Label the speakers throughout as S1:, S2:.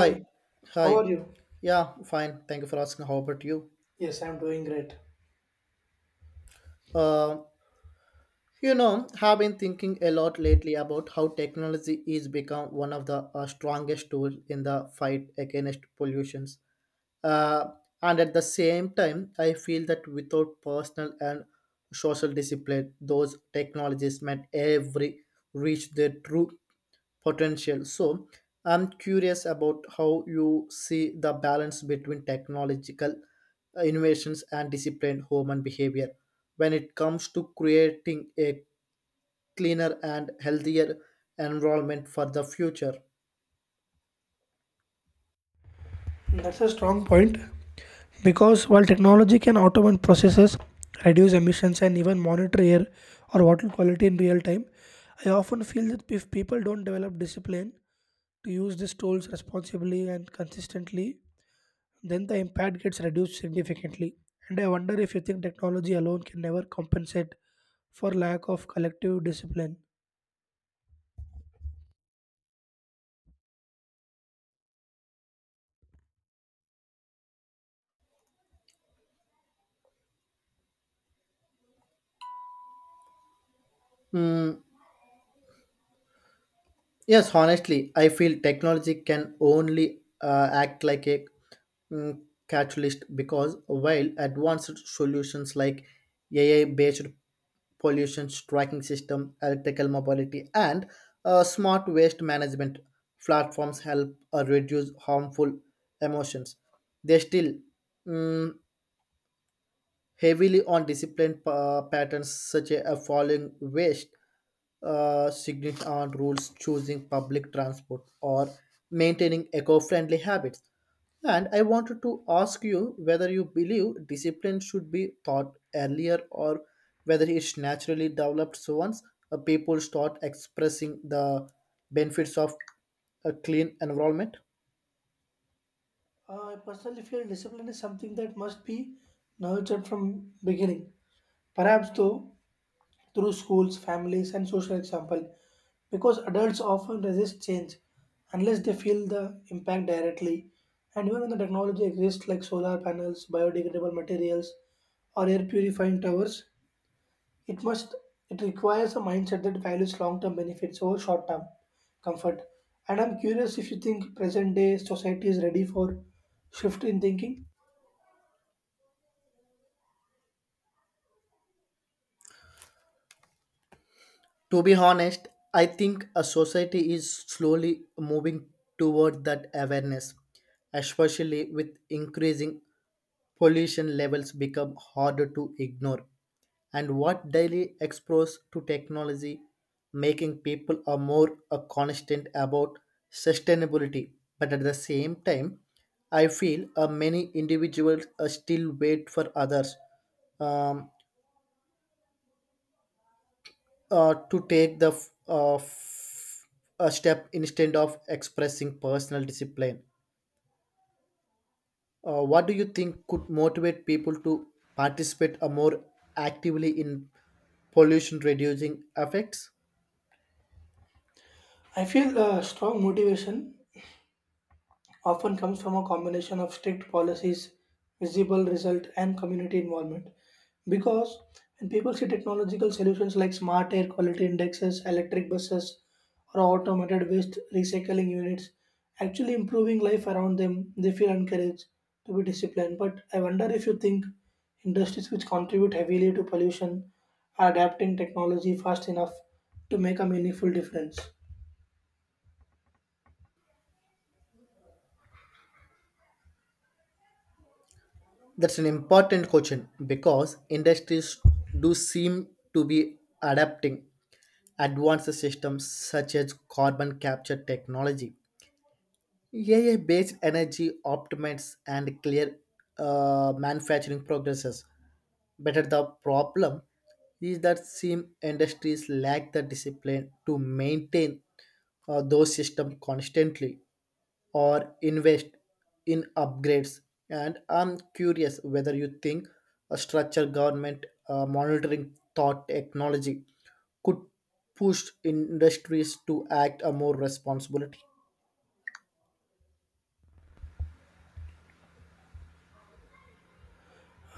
S1: Hi,
S2: how are
S1: hi.
S2: you?
S1: Yeah, fine. Thank you for asking. How about you?
S2: Yes, I'm doing great.
S1: Uh, have been thinking a lot lately about how technology is become one of the strongest tools in the fight against pollutions. Uh, and at the same time, I feel that without personal and social discipline, those technologies might every reach their true potential. So I'm curious about how you see the balance between technological innovations and disciplined human behavior when it comes to creating a cleaner and healthier environment for the future.
S2: That's a strong point because while technology can automate processes, reduce emissions, and even monitor air or water quality in real time, I often feel that if people don't develop discipline to use these tools responsibly and consistently, then the impact gets reduced significantly. And I wonder if you think technology alone can never compensate for lack of collective discipline.
S1: Hmm. Yes, honestly, I feel technology can only act like a mm, catalyst because while advanced solutions like AI-based pollution tracking system, electrical mobility, and smart waste management platforms help reduce harmful emissions, they still mm, heavily on discipline patterns such as following waste signaling on rules, choosing public transport, or maintaining eco-friendly habits. And I wanted to ask you whether you believe discipline should be taught earlier or whether it's naturally developed so once people start expressing the benefits of a clean environment.
S2: I personally feel discipline is something that must be nurtured from beginning, perhaps though through schools, families, and social example, because adults often resist change unless they feel the impact directly. And even when the technology exists like solar panels, biodegradable materials, or air purifying towers, it must it requires a mindset that values long-term benefits over short-term comfort. And I'm curious if you think present-day society is ready for shift in thinking.
S1: To be honest, I think a society is slowly moving toward that awareness, especially with increasing pollution levels become harder to ignore. And what daily exposed to technology, making people are more constant about sustainability. But at the same time, I feel many individuals still wait for others, um, to take the a step instead of expressing personal discipline. What do you think could motivate people to participate more actively in pollution reducing effects?
S2: I feel strong motivation often comes from a combination of strict policies, visible result, and community involvement. Because when people see technological solutions like smart air quality indexes, electric buses, or automated waste recycling units actually improving life around them, they feel encouraged to be disciplined. But I wonder if you think industries which contribute heavily to pollution are adapting technology fast enough to make a meaningful difference.
S1: That's an important question because industries do seem to be adapting advanced systems such as carbon capture technology, AI based energy optimates and clear manufacturing progresses. Better the problem is that some industries lack the discipline to maintain those systems constantly or invest in upgrades. And I'm curious whether you think a structured government monitoring thought technology could push industries to act a more responsibility.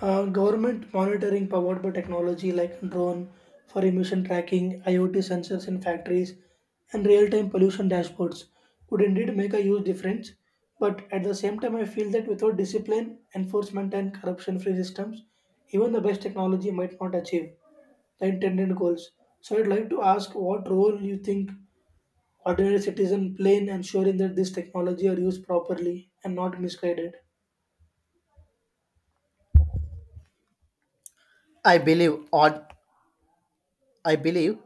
S2: Government monitoring powered by technology like drone for emission tracking, IoT sensors in factories, and real time pollution dashboards could indeed make a huge difference. But at the same time, I feel that without discipline, enforcement, and corruption free systems, even the best technology might not achieve the intended goals. So, I'd like to ask what role you think ordinary citizen play in ensuring that this technology are used properly and not misguided?
S1: I believe or I believe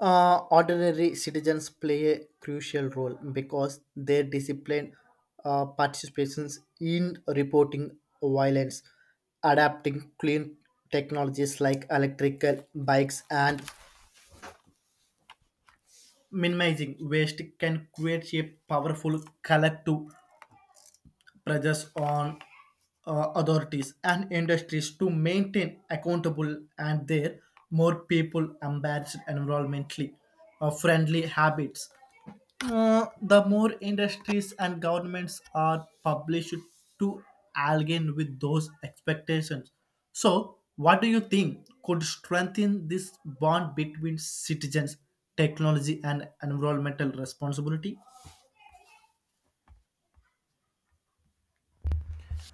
S1: ordinary citizens play a crucial role because their disciplined participations in reporting violence, adapting clean technologies like electrical bikes and minimizing waste can create a powerful collective pressures on authorities and industries to maintain accountable and their more people embarrassed environmentally friendly habits. The more industries and governments are published to align with those expectations. So, what do you think could strengthen this bond between citizens, technology, and environmental responsibility?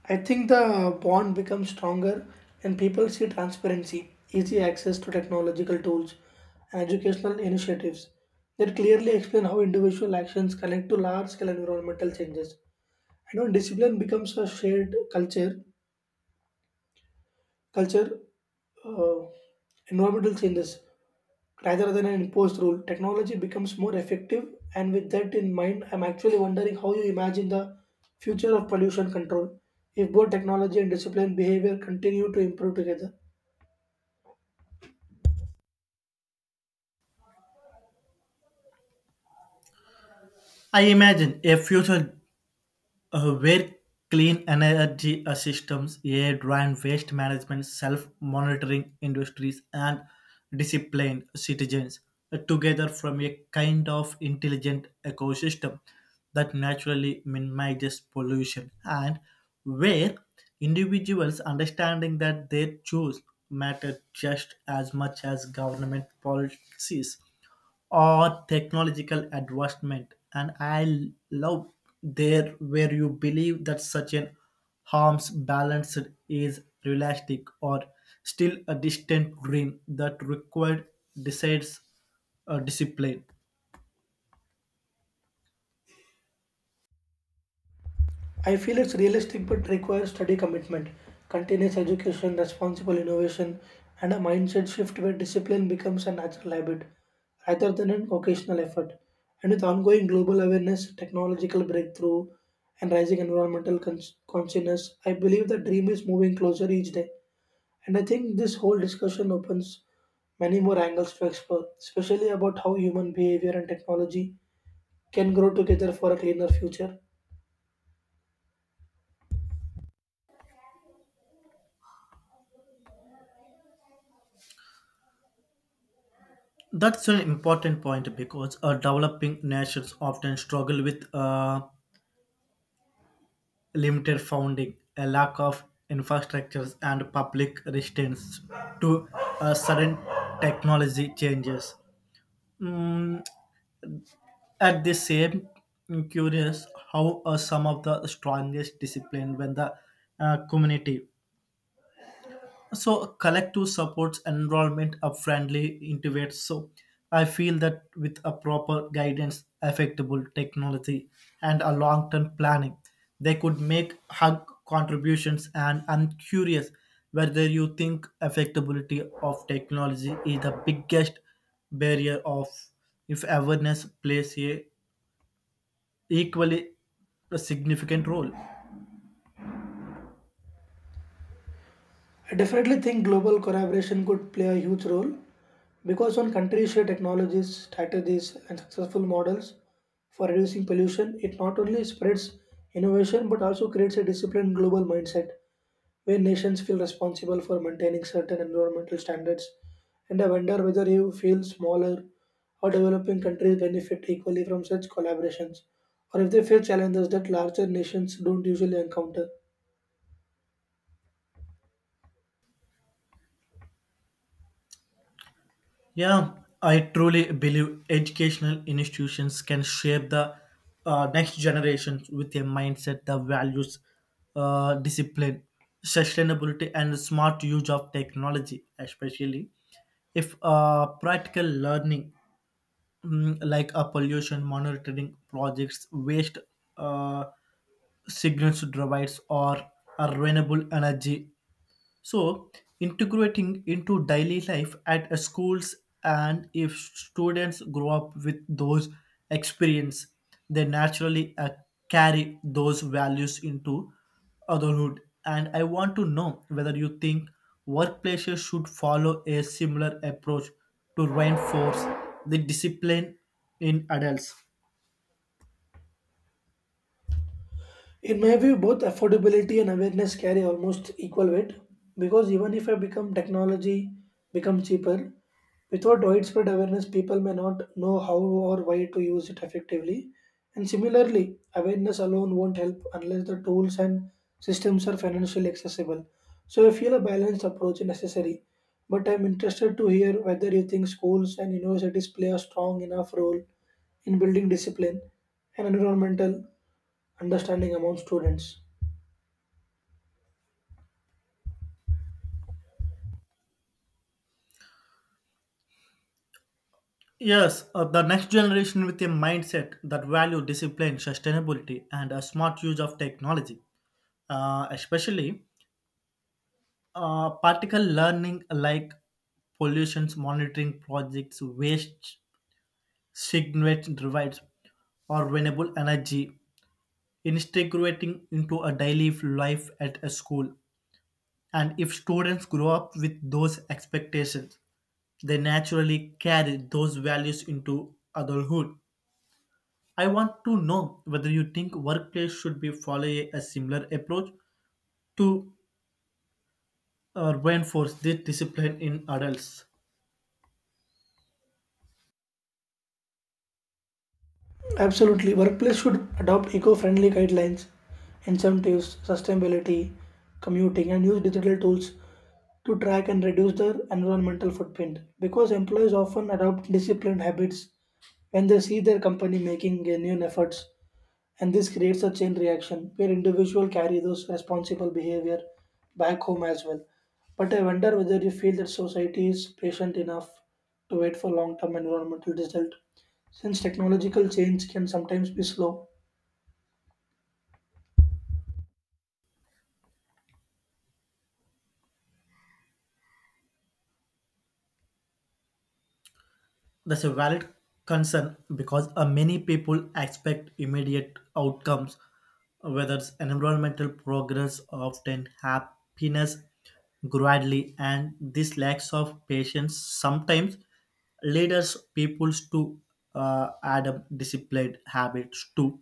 S2: I think the bond becomes stronger when people see transparency, easy access to technological tools, and educational initiatives that clearly explain how individual actions connect to large scale environmental changes. And when discipline becomes a shared culture, culture uh, environmental changes rather than an imposed rule, technology becomes more effective. And with that in mind, I'm actually wondering how you imagine the future of pollution control if both technology and disciplined behavior continue to improve together.
S1: I imagine a future where clean energy systems, air and waste management, self-monitoring industries, and disciplined citizens together form a kind of intelligent ecosystem that naturally minimizes pollution and where individuals understanding that their choice matter just as much as government policies or technological advancement. And I love there where you believe that such an harm's balance is realistic or still a distant dream that required decides discipline.
S2: I feel it's realistic but requires steady commitment, continuous education, responsible innovation, and a mindset shift where discipline becomes a natural habit rather than an occasional effort. And with ongoing global awareness, technological breakthrough, and rising environmental consciousness, I believe the dream is moving closer each day. And I think this whole discussion opens many more angles to explore, especially about how human behavior and technology can grow together for a cleaner future.
S1: That's an important point because developing nations often struggle with limited funding, a lack of infrastructures, and public resistance to sudden technology changes. Mm, at the same, I'm curious how are some of the strongest discipline when the community. So collective supports enrollment of friendly intuits. So I feel that with a proper guidance, affectable technology, and a long-term planning, they could make hug contributions. And I'm curious whether you think affectability of technology is the biggest barrier of if awareness plays a equally a significant role.
S2: I definitely think global collaboration could play a huge role because when countries share technologies, strategies, and successful models for reducing pollution, it not only spreads innovation but also creates a disciplined global mindset where nations feel responsible for maintaining certain environmental standards. And I wonder whether you feel smaller or developing countries benefit equally from such collaborations, or if they face challenges that larger nations don't usually encounter.
S1: Yeah, I truly believe educational institutions can shape the next generation with a mindset that values discipline, sustainability, and smart use of technology, especially if practical learning, like a pollution monitoring projects waste uh, signals to provides or a renewable energy. So, integrating into daily life at schools, and if students grow up with those experience, they naturally carry those values into adulthood. And I want to know whether you think workplaces should follow a similar approach to reinforce the discipline in adults.
S2: In my view, both affordability and awareness carry almost equal weight because even if I become technology become cheaper, without widespread awareness, people may not know how or why to use it effectively. And similarly, awareness alone won't help unless the tools and systems are financially accessible. So I feel a balanced approach is necessary. But I'm interested to hear whether you think schools and universities play a strong enough role in building discipline and environmental understanding among students.
S1: Yes, the next generation with a mindset that value discipline, sustainability, and a smart use of technology, especially particle learning like pollution monitoring projects, waste signature drives, or renewable energy, integrating into a daily life at a school. And if students grow up with those expectations, they naturally carry those values into adulthood. I want to know whether you think workplace should be follow a similar approach to reinforce this discipline in adults.
S2: Absolutely, workplace should adopt eco-friendly guidelines, incentives, sustainability, commuting, and use digital tools to track and reduce their environmental footprint. Because employees often adopt disciplined habits when they see their company making genuine efforts. And this creates a chain reaction where individuals carry those responsible behavior back home as well. But I wonder whether you feel that society is patient enough to wait for long term environmental result. Since technological change can sometimes be slow,
S1: That's a valid concern because many people expect immediate outcomes, whether it's environmental progress, often happiness gradually, and this lacks of patience sometimes leaders peoples to adopt disciplined habits too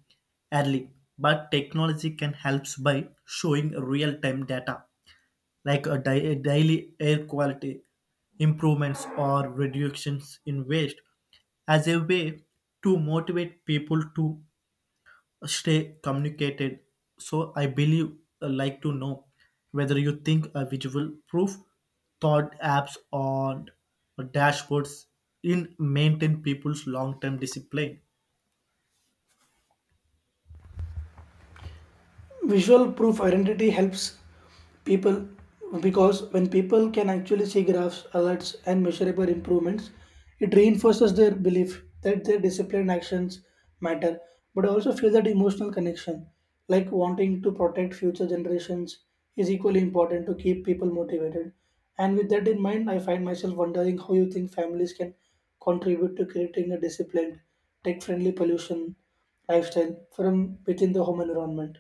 S1: early. But technology can help by showing real-time data like daily air quality improvements or reductions in waste as a way to motivate people to stay communicated. So I believe like to know whether you think a visual proof thought apps or dashboards in maintain people's long-term discipline.
S2: visual proof identity helps people, because when people can actually see graphs, alerts, and measurable improvements, it reinforces their belief that their disciplined actions matter. But I also feel that emotional connection, like wanting to protect future generations, is equally important to keep people motivated. And with that in mind, I find myself wondering how you think families can contribute to creating a disciplined tech friendly pollution lifestyle from within the home environment.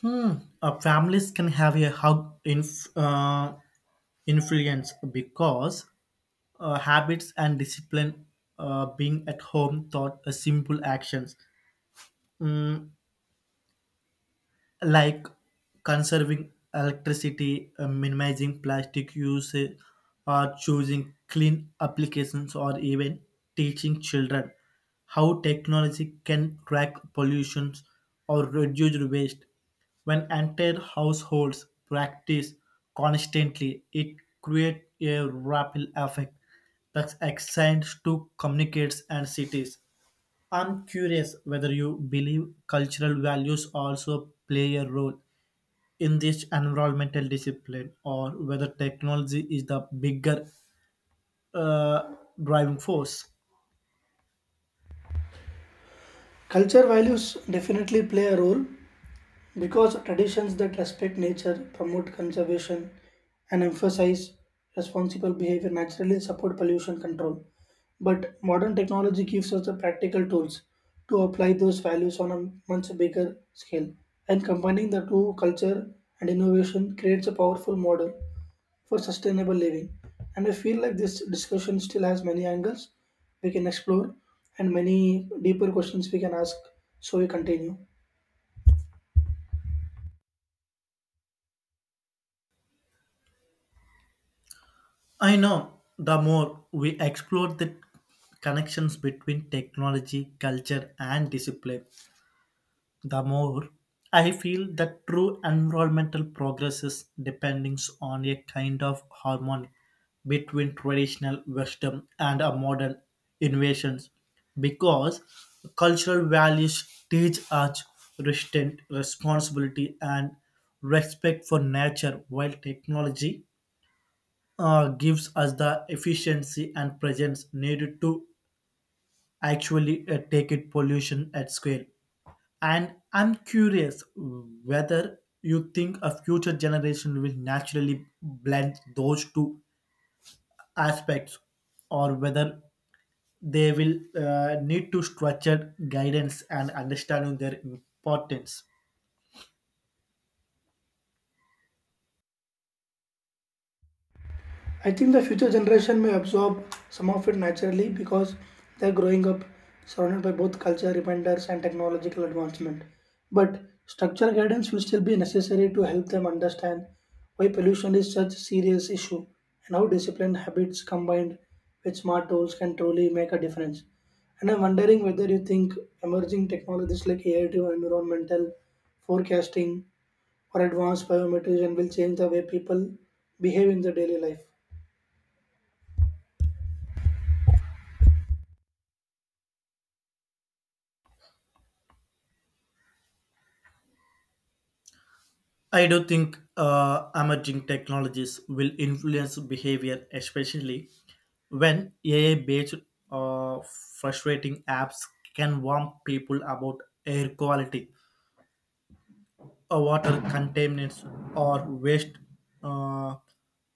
S1: Hmm. Families can have a hug influence because habits and discipline being at home taught simple actions, Mm, like conserving electricity, minimizing plastic use, or choosing clean applications, or even teaching children how technology can track pollutions or reduce waste. When entire households practice constantly, it creates a ripple effect that extends to communities and cities. I'm curious whether you believe cultural values also play a role in this environmental discipline or whether technology is the bigger uh, driving force.
S2: Culture values definitely play a role, because traditions that respect nature, promote conservation, and emphasize responsible behavior naturally support pollution control. But modern technology gives us the practical tools to apply those values on a much bigger scale. And combining the two, culture and innovation, creates a powerful model for sustainable living. And I feel like this discussion still has many angles we can explore and many deeper questions we can ask. So we continue.
S1: I know the more we explore the connections between technology, culture, and discipline, the more I feel that true environmental progress is depending on a kind of harmony between traditional wisdom and a modern innovations because cultural values teach us restraint, responsibility, and respect for nature while technology gives us the efficiency and presence needed to actually take it pollution at scale. And I'm curious whether you think a future generation will naturally blend those two aspects or whether they will need to structure guidance and understanding their importance.
S2: I think the future generation may absorb some of it naturally because they're growing up surrounded by both culture reminders and technological advancement. But structural guidance will still be necessary to help them understand why pollution is such a serious issue and how disciplined habits combined with smart tools can truly make a difference. And I'm wondering whether you think emerging technologies like AI driven environmental forecasting or advanced biometrics will change the way people behave in their daily life.
S1: I do think emerging technologies will influence behavior, especially when AI based uh, frustrating apps can warn people about air quality, water contaminants or waste uh,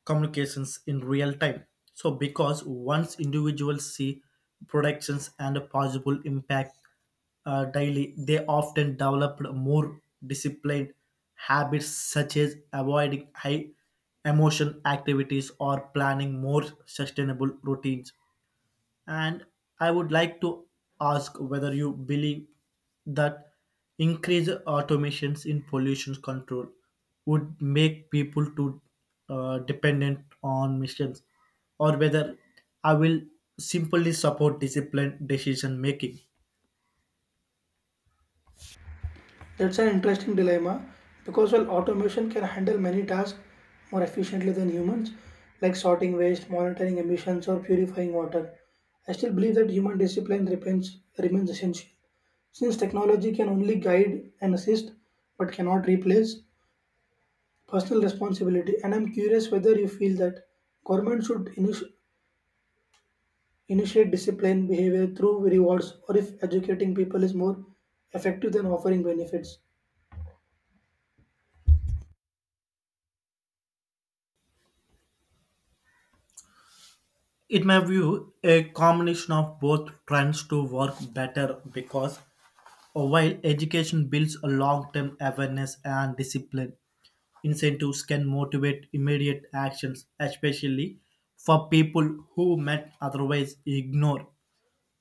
S1: communications in real time. So, because once individuals see productions and a possible impact daily, they often develop more disciplined habits such as avoiding high emotion activities or planning more sustainable routines. And I would like to ask whether you believe that increased automations in pollution control would make people too dependent on machines, or whether I will simply support disciplined decision making.
S2: That's an interesting dilemma because while automation can handle many tasks more efficiently than humans, like sorting waste, monitoring emissions, or purifying water, I still believe that human discipline remains essential. Since technology can only guide and assist but cannot replace personal responsibility, and I'm curious whether you feel that government should initiate discipline behavior through rewards or if educating people is more effective than offering benefits.
S1: In my view, a combination of both trends to work better because while education builds a long-term awareness and discipline, incentives can motivate immediate actions, especially for people who might otherwise ignore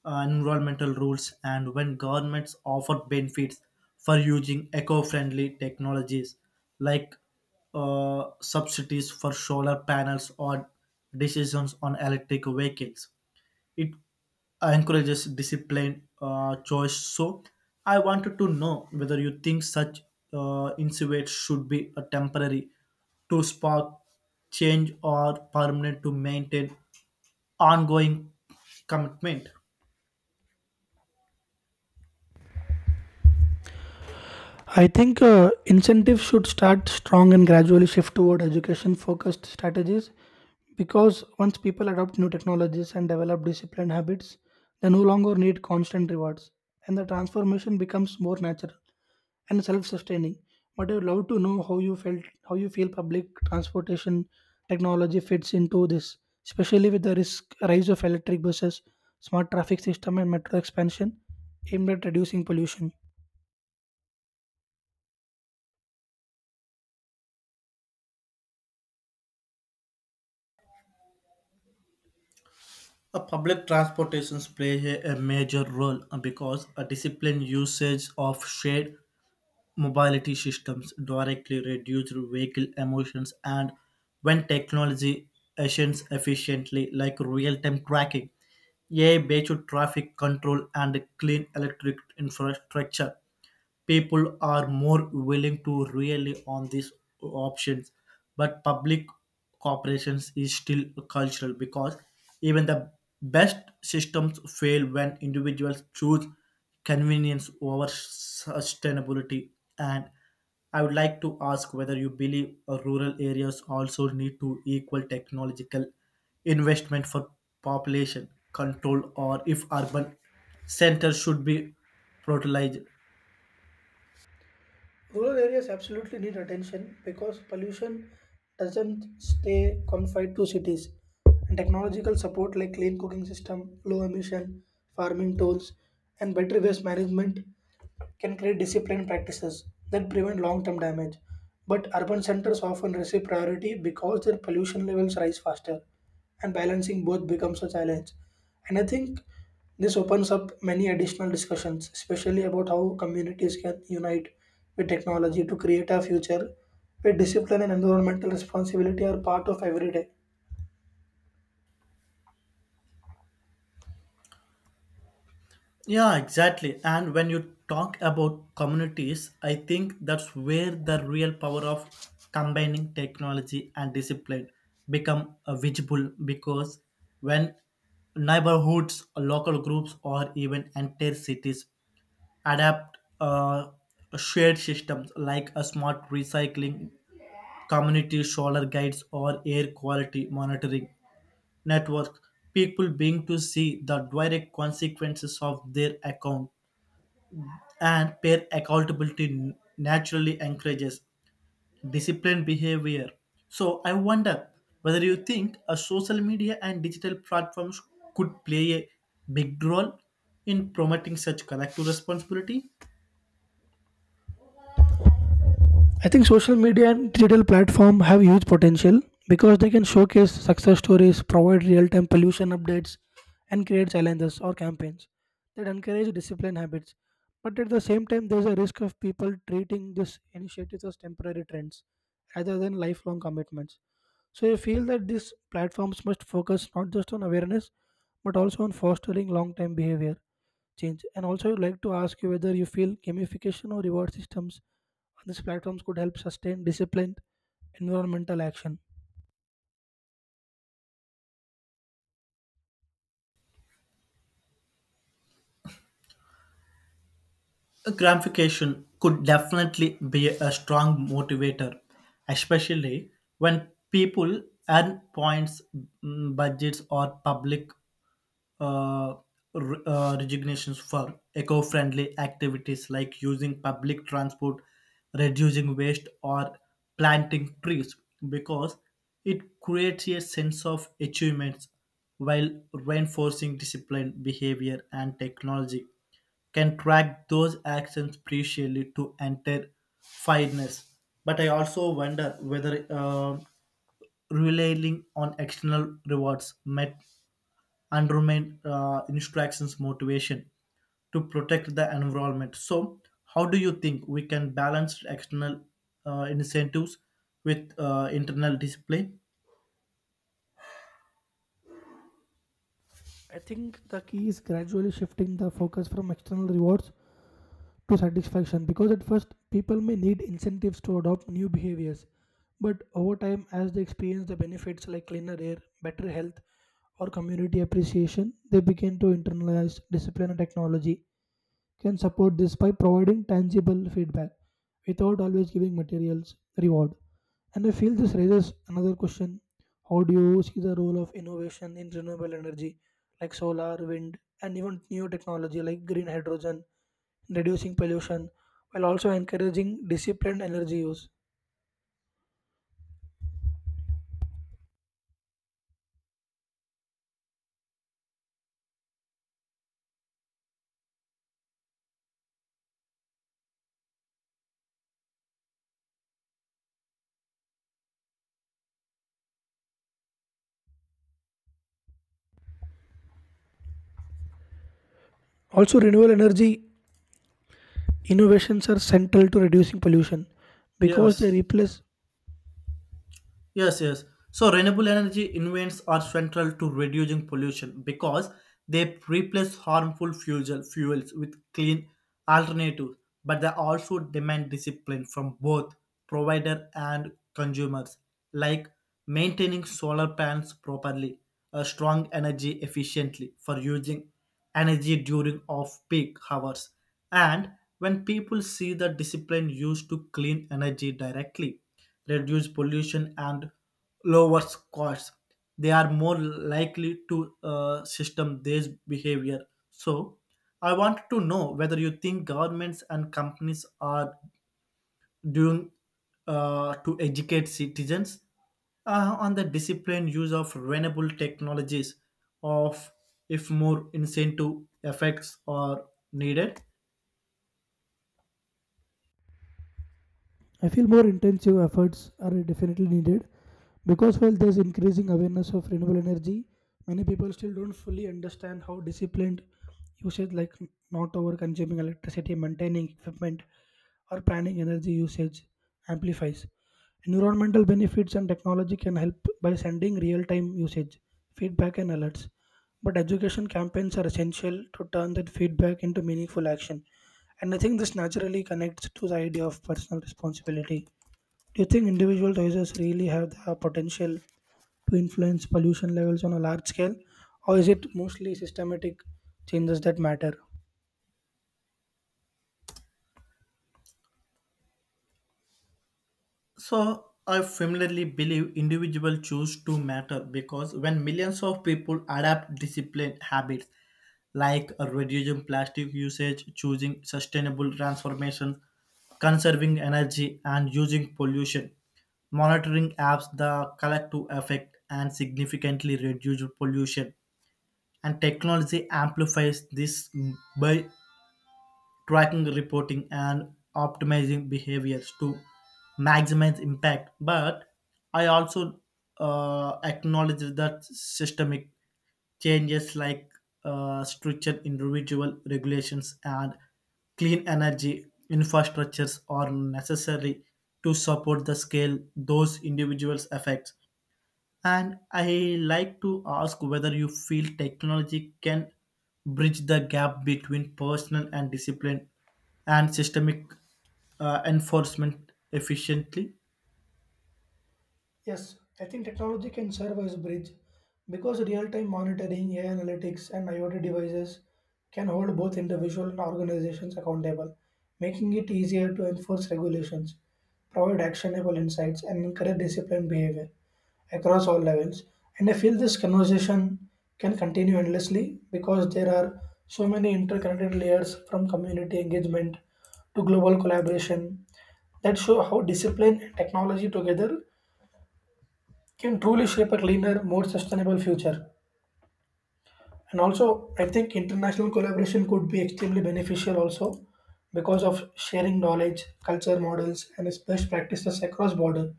S1: environmental rules. And when governments offer benefits for using eco-friendly technologies like subsidies for solar panels or decisions on electric vehicles, it encourages disciplined choice. So I wanted to know whether you think such incentives should be a temporary to spark change or permanent to maintain ongoing commitment.
S2: I think incentives should start strong and gradually shift toward education focused strategies because once people adopt new technologies and develop disciplined habits, they no longer need constant rewards and the transformation becomes more natural and self sustaining. But I would love to know how you feel public transportation technology fits into this, especially with the risk rise of electric buses, smart traffic system and metro expansion aimed at reducing pollution.
S1: A public transportations play a major role because a disciplined usage of shared mobility systems directly reduce vehicle emissions. And when technology actions efficiently like real-time tracking, AI-based traffic control and clean electric infrastructure, people are more willing to really on these options. But public corporations is still cultural because even the best systems fail when individuals choose convenience over sustainability. And I would like to ask whether you believe rural areas also need to equal technological investment for population control or if urban centers should be prioritized.
S2: Rural areas absolutely need attention because pollution doesn't stay confined to cities. And technological support like clean cooking system, low emission farming tools, and better waste management can create disciplined practices that prevent long-term damage. But urban centers often receive priority because their pollution levels rise faster, and balancing both becomes a challenge. And I think this opens up many additional discussions, especially about how communities can unite with technology to create a future where discipline and environmental responsibility are part of every day.
S1: Yeah, exactly. And when you talk about communities, I think that's where the real power of combining technology and discipline become visible, because when neighborhoods, local groups, or even entire cities adapt shared systems like a smart recycling community solar guides or air quality monitoring network, people being to see the direct consequences of their account and peer accountability naturally encourages disciplined behavior. So I wonder whether you think a social media and digital platforms could play a big role in promoting such collective responsibility.
S2: I think social media and digital platform have huge potential because they can showcase success stories, provide real-time pollution updates, and create challenges or campaigns that encourage discipline habits. But at the same time, there's a risk of people treating these initiatives as temporary trends rather than lifelong commitments. So I feel that these platforms must focus not just on awareness, but also on fostering long-term behavior change. And also, I'd like to ask you whether you feel gamification or reward systems on these platforms could help sustain disciplined environmental action.
S1: Gamification could definitely be a strong motivator, especially when people earn points, budgets, or public uh, resignations for eco-friendly activities like using public transport, reducing waste, or planting trees, because it creates a sense of achievements while reinforcing disciplined behavior and technology can track those actions precisely to enter fairness. But I also wonder whether relying on external rewards might and remain instructions motivation to protect the environment. So, how do you think we can balance external incentives with internal discipline?
S2: I think the key is gradually shifting the focus from external rewards to satisfaction, because at first people may need incentives to adopt new behaviors, but over time, as they experience the benefits like cleaner air, better health, or community appreciation, they begin to internalize discipline, and technology can support this by providing tangible feedback without always giving materials reward. And I feel this raises another question. How do you see the role of innovation in renewable energy like solar, wind, and even new technology like green hydrogen, reducing pollution while also encouraging disciplined energy use? Also, renewable energy innovations are central to reducing pollution because they
S1: Yes,
S2: replace.
S1: yes, yes. So renewable energy invents are central to reducing pollution because they replace harmful fuels with clean alternatives, but they also demand discipline from both provider and consumers, like maintaining solar panels properly, a strong energy efficiently for using energy during off-peak hours. And when people see the discipline used to clean energy directly reduce pollution and lowers costs, they are more likely to system this behavior. So I want to know whether you think governments and companies are doing to educate citizens on the disciplined use of renewable technologies of if more incentive effects are needed.
S2: I feel more intensive efforts are definitely needed because while there's increasing awareness of renewable energy, many people still don't fully understand how disciplined usage, like not over consuming electricity, maintaining equipment, or planning energy usage, amplifies. Environmental benefits and technology can help by sending real time usage, feedback, and alerts. But education campaigns are essential to turn that feedback into meaningful action. And I think this naturally connects to the idea of personal responsibility. Do you think individual choices really have the potential to influence pollution levels on a large scale, or is it mostly systematic changes that matter?
S1: So I firmly believe individual choose to matter because when millions of people adapt disciplined habits like reducing plastic usage, choosing sustainable transformation, conserving energy and using pollution, monitoring apps the collective effect and significantly reduce pollution. And technology amplifies this by tracking reporting and optimizing behaviors to maximize impact. But I also acknowledge that systemic changes like structured individual regulations and clean energy infrastructures are necessary to support the scale those individuals affect. And I like to ask whether you feel technology can bridge the gap between personal and discipline and systemic enforcement efficiently.
S2: Yes, I think technology can serve as a bridge because real-time monitoring, AI analytics, and IoT devices can hold both individual and organizations accountable, making it easier to enforce regulations, provide actionable insights, and encourage disciplined behavior across all levels. And I feel this conversation can continue endlessly because there are so many interconnected layers, from community engagement to global collaboration, that show how discipline and technology together can truly shape a cleaner, more sustainable future. And also, I think international collaboration could be extremely beneficial also because of sharing knowledge, culture models, and its best practices across border.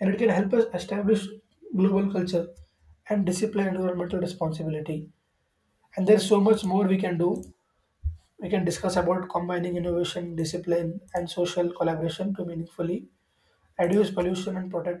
S2: And it can help us establish global culture and discipline environmental responsibility. And there's so much more we can do. We can discuss about combining innovation, discipline, and social collaboration to meaningfully reduce pollution and protect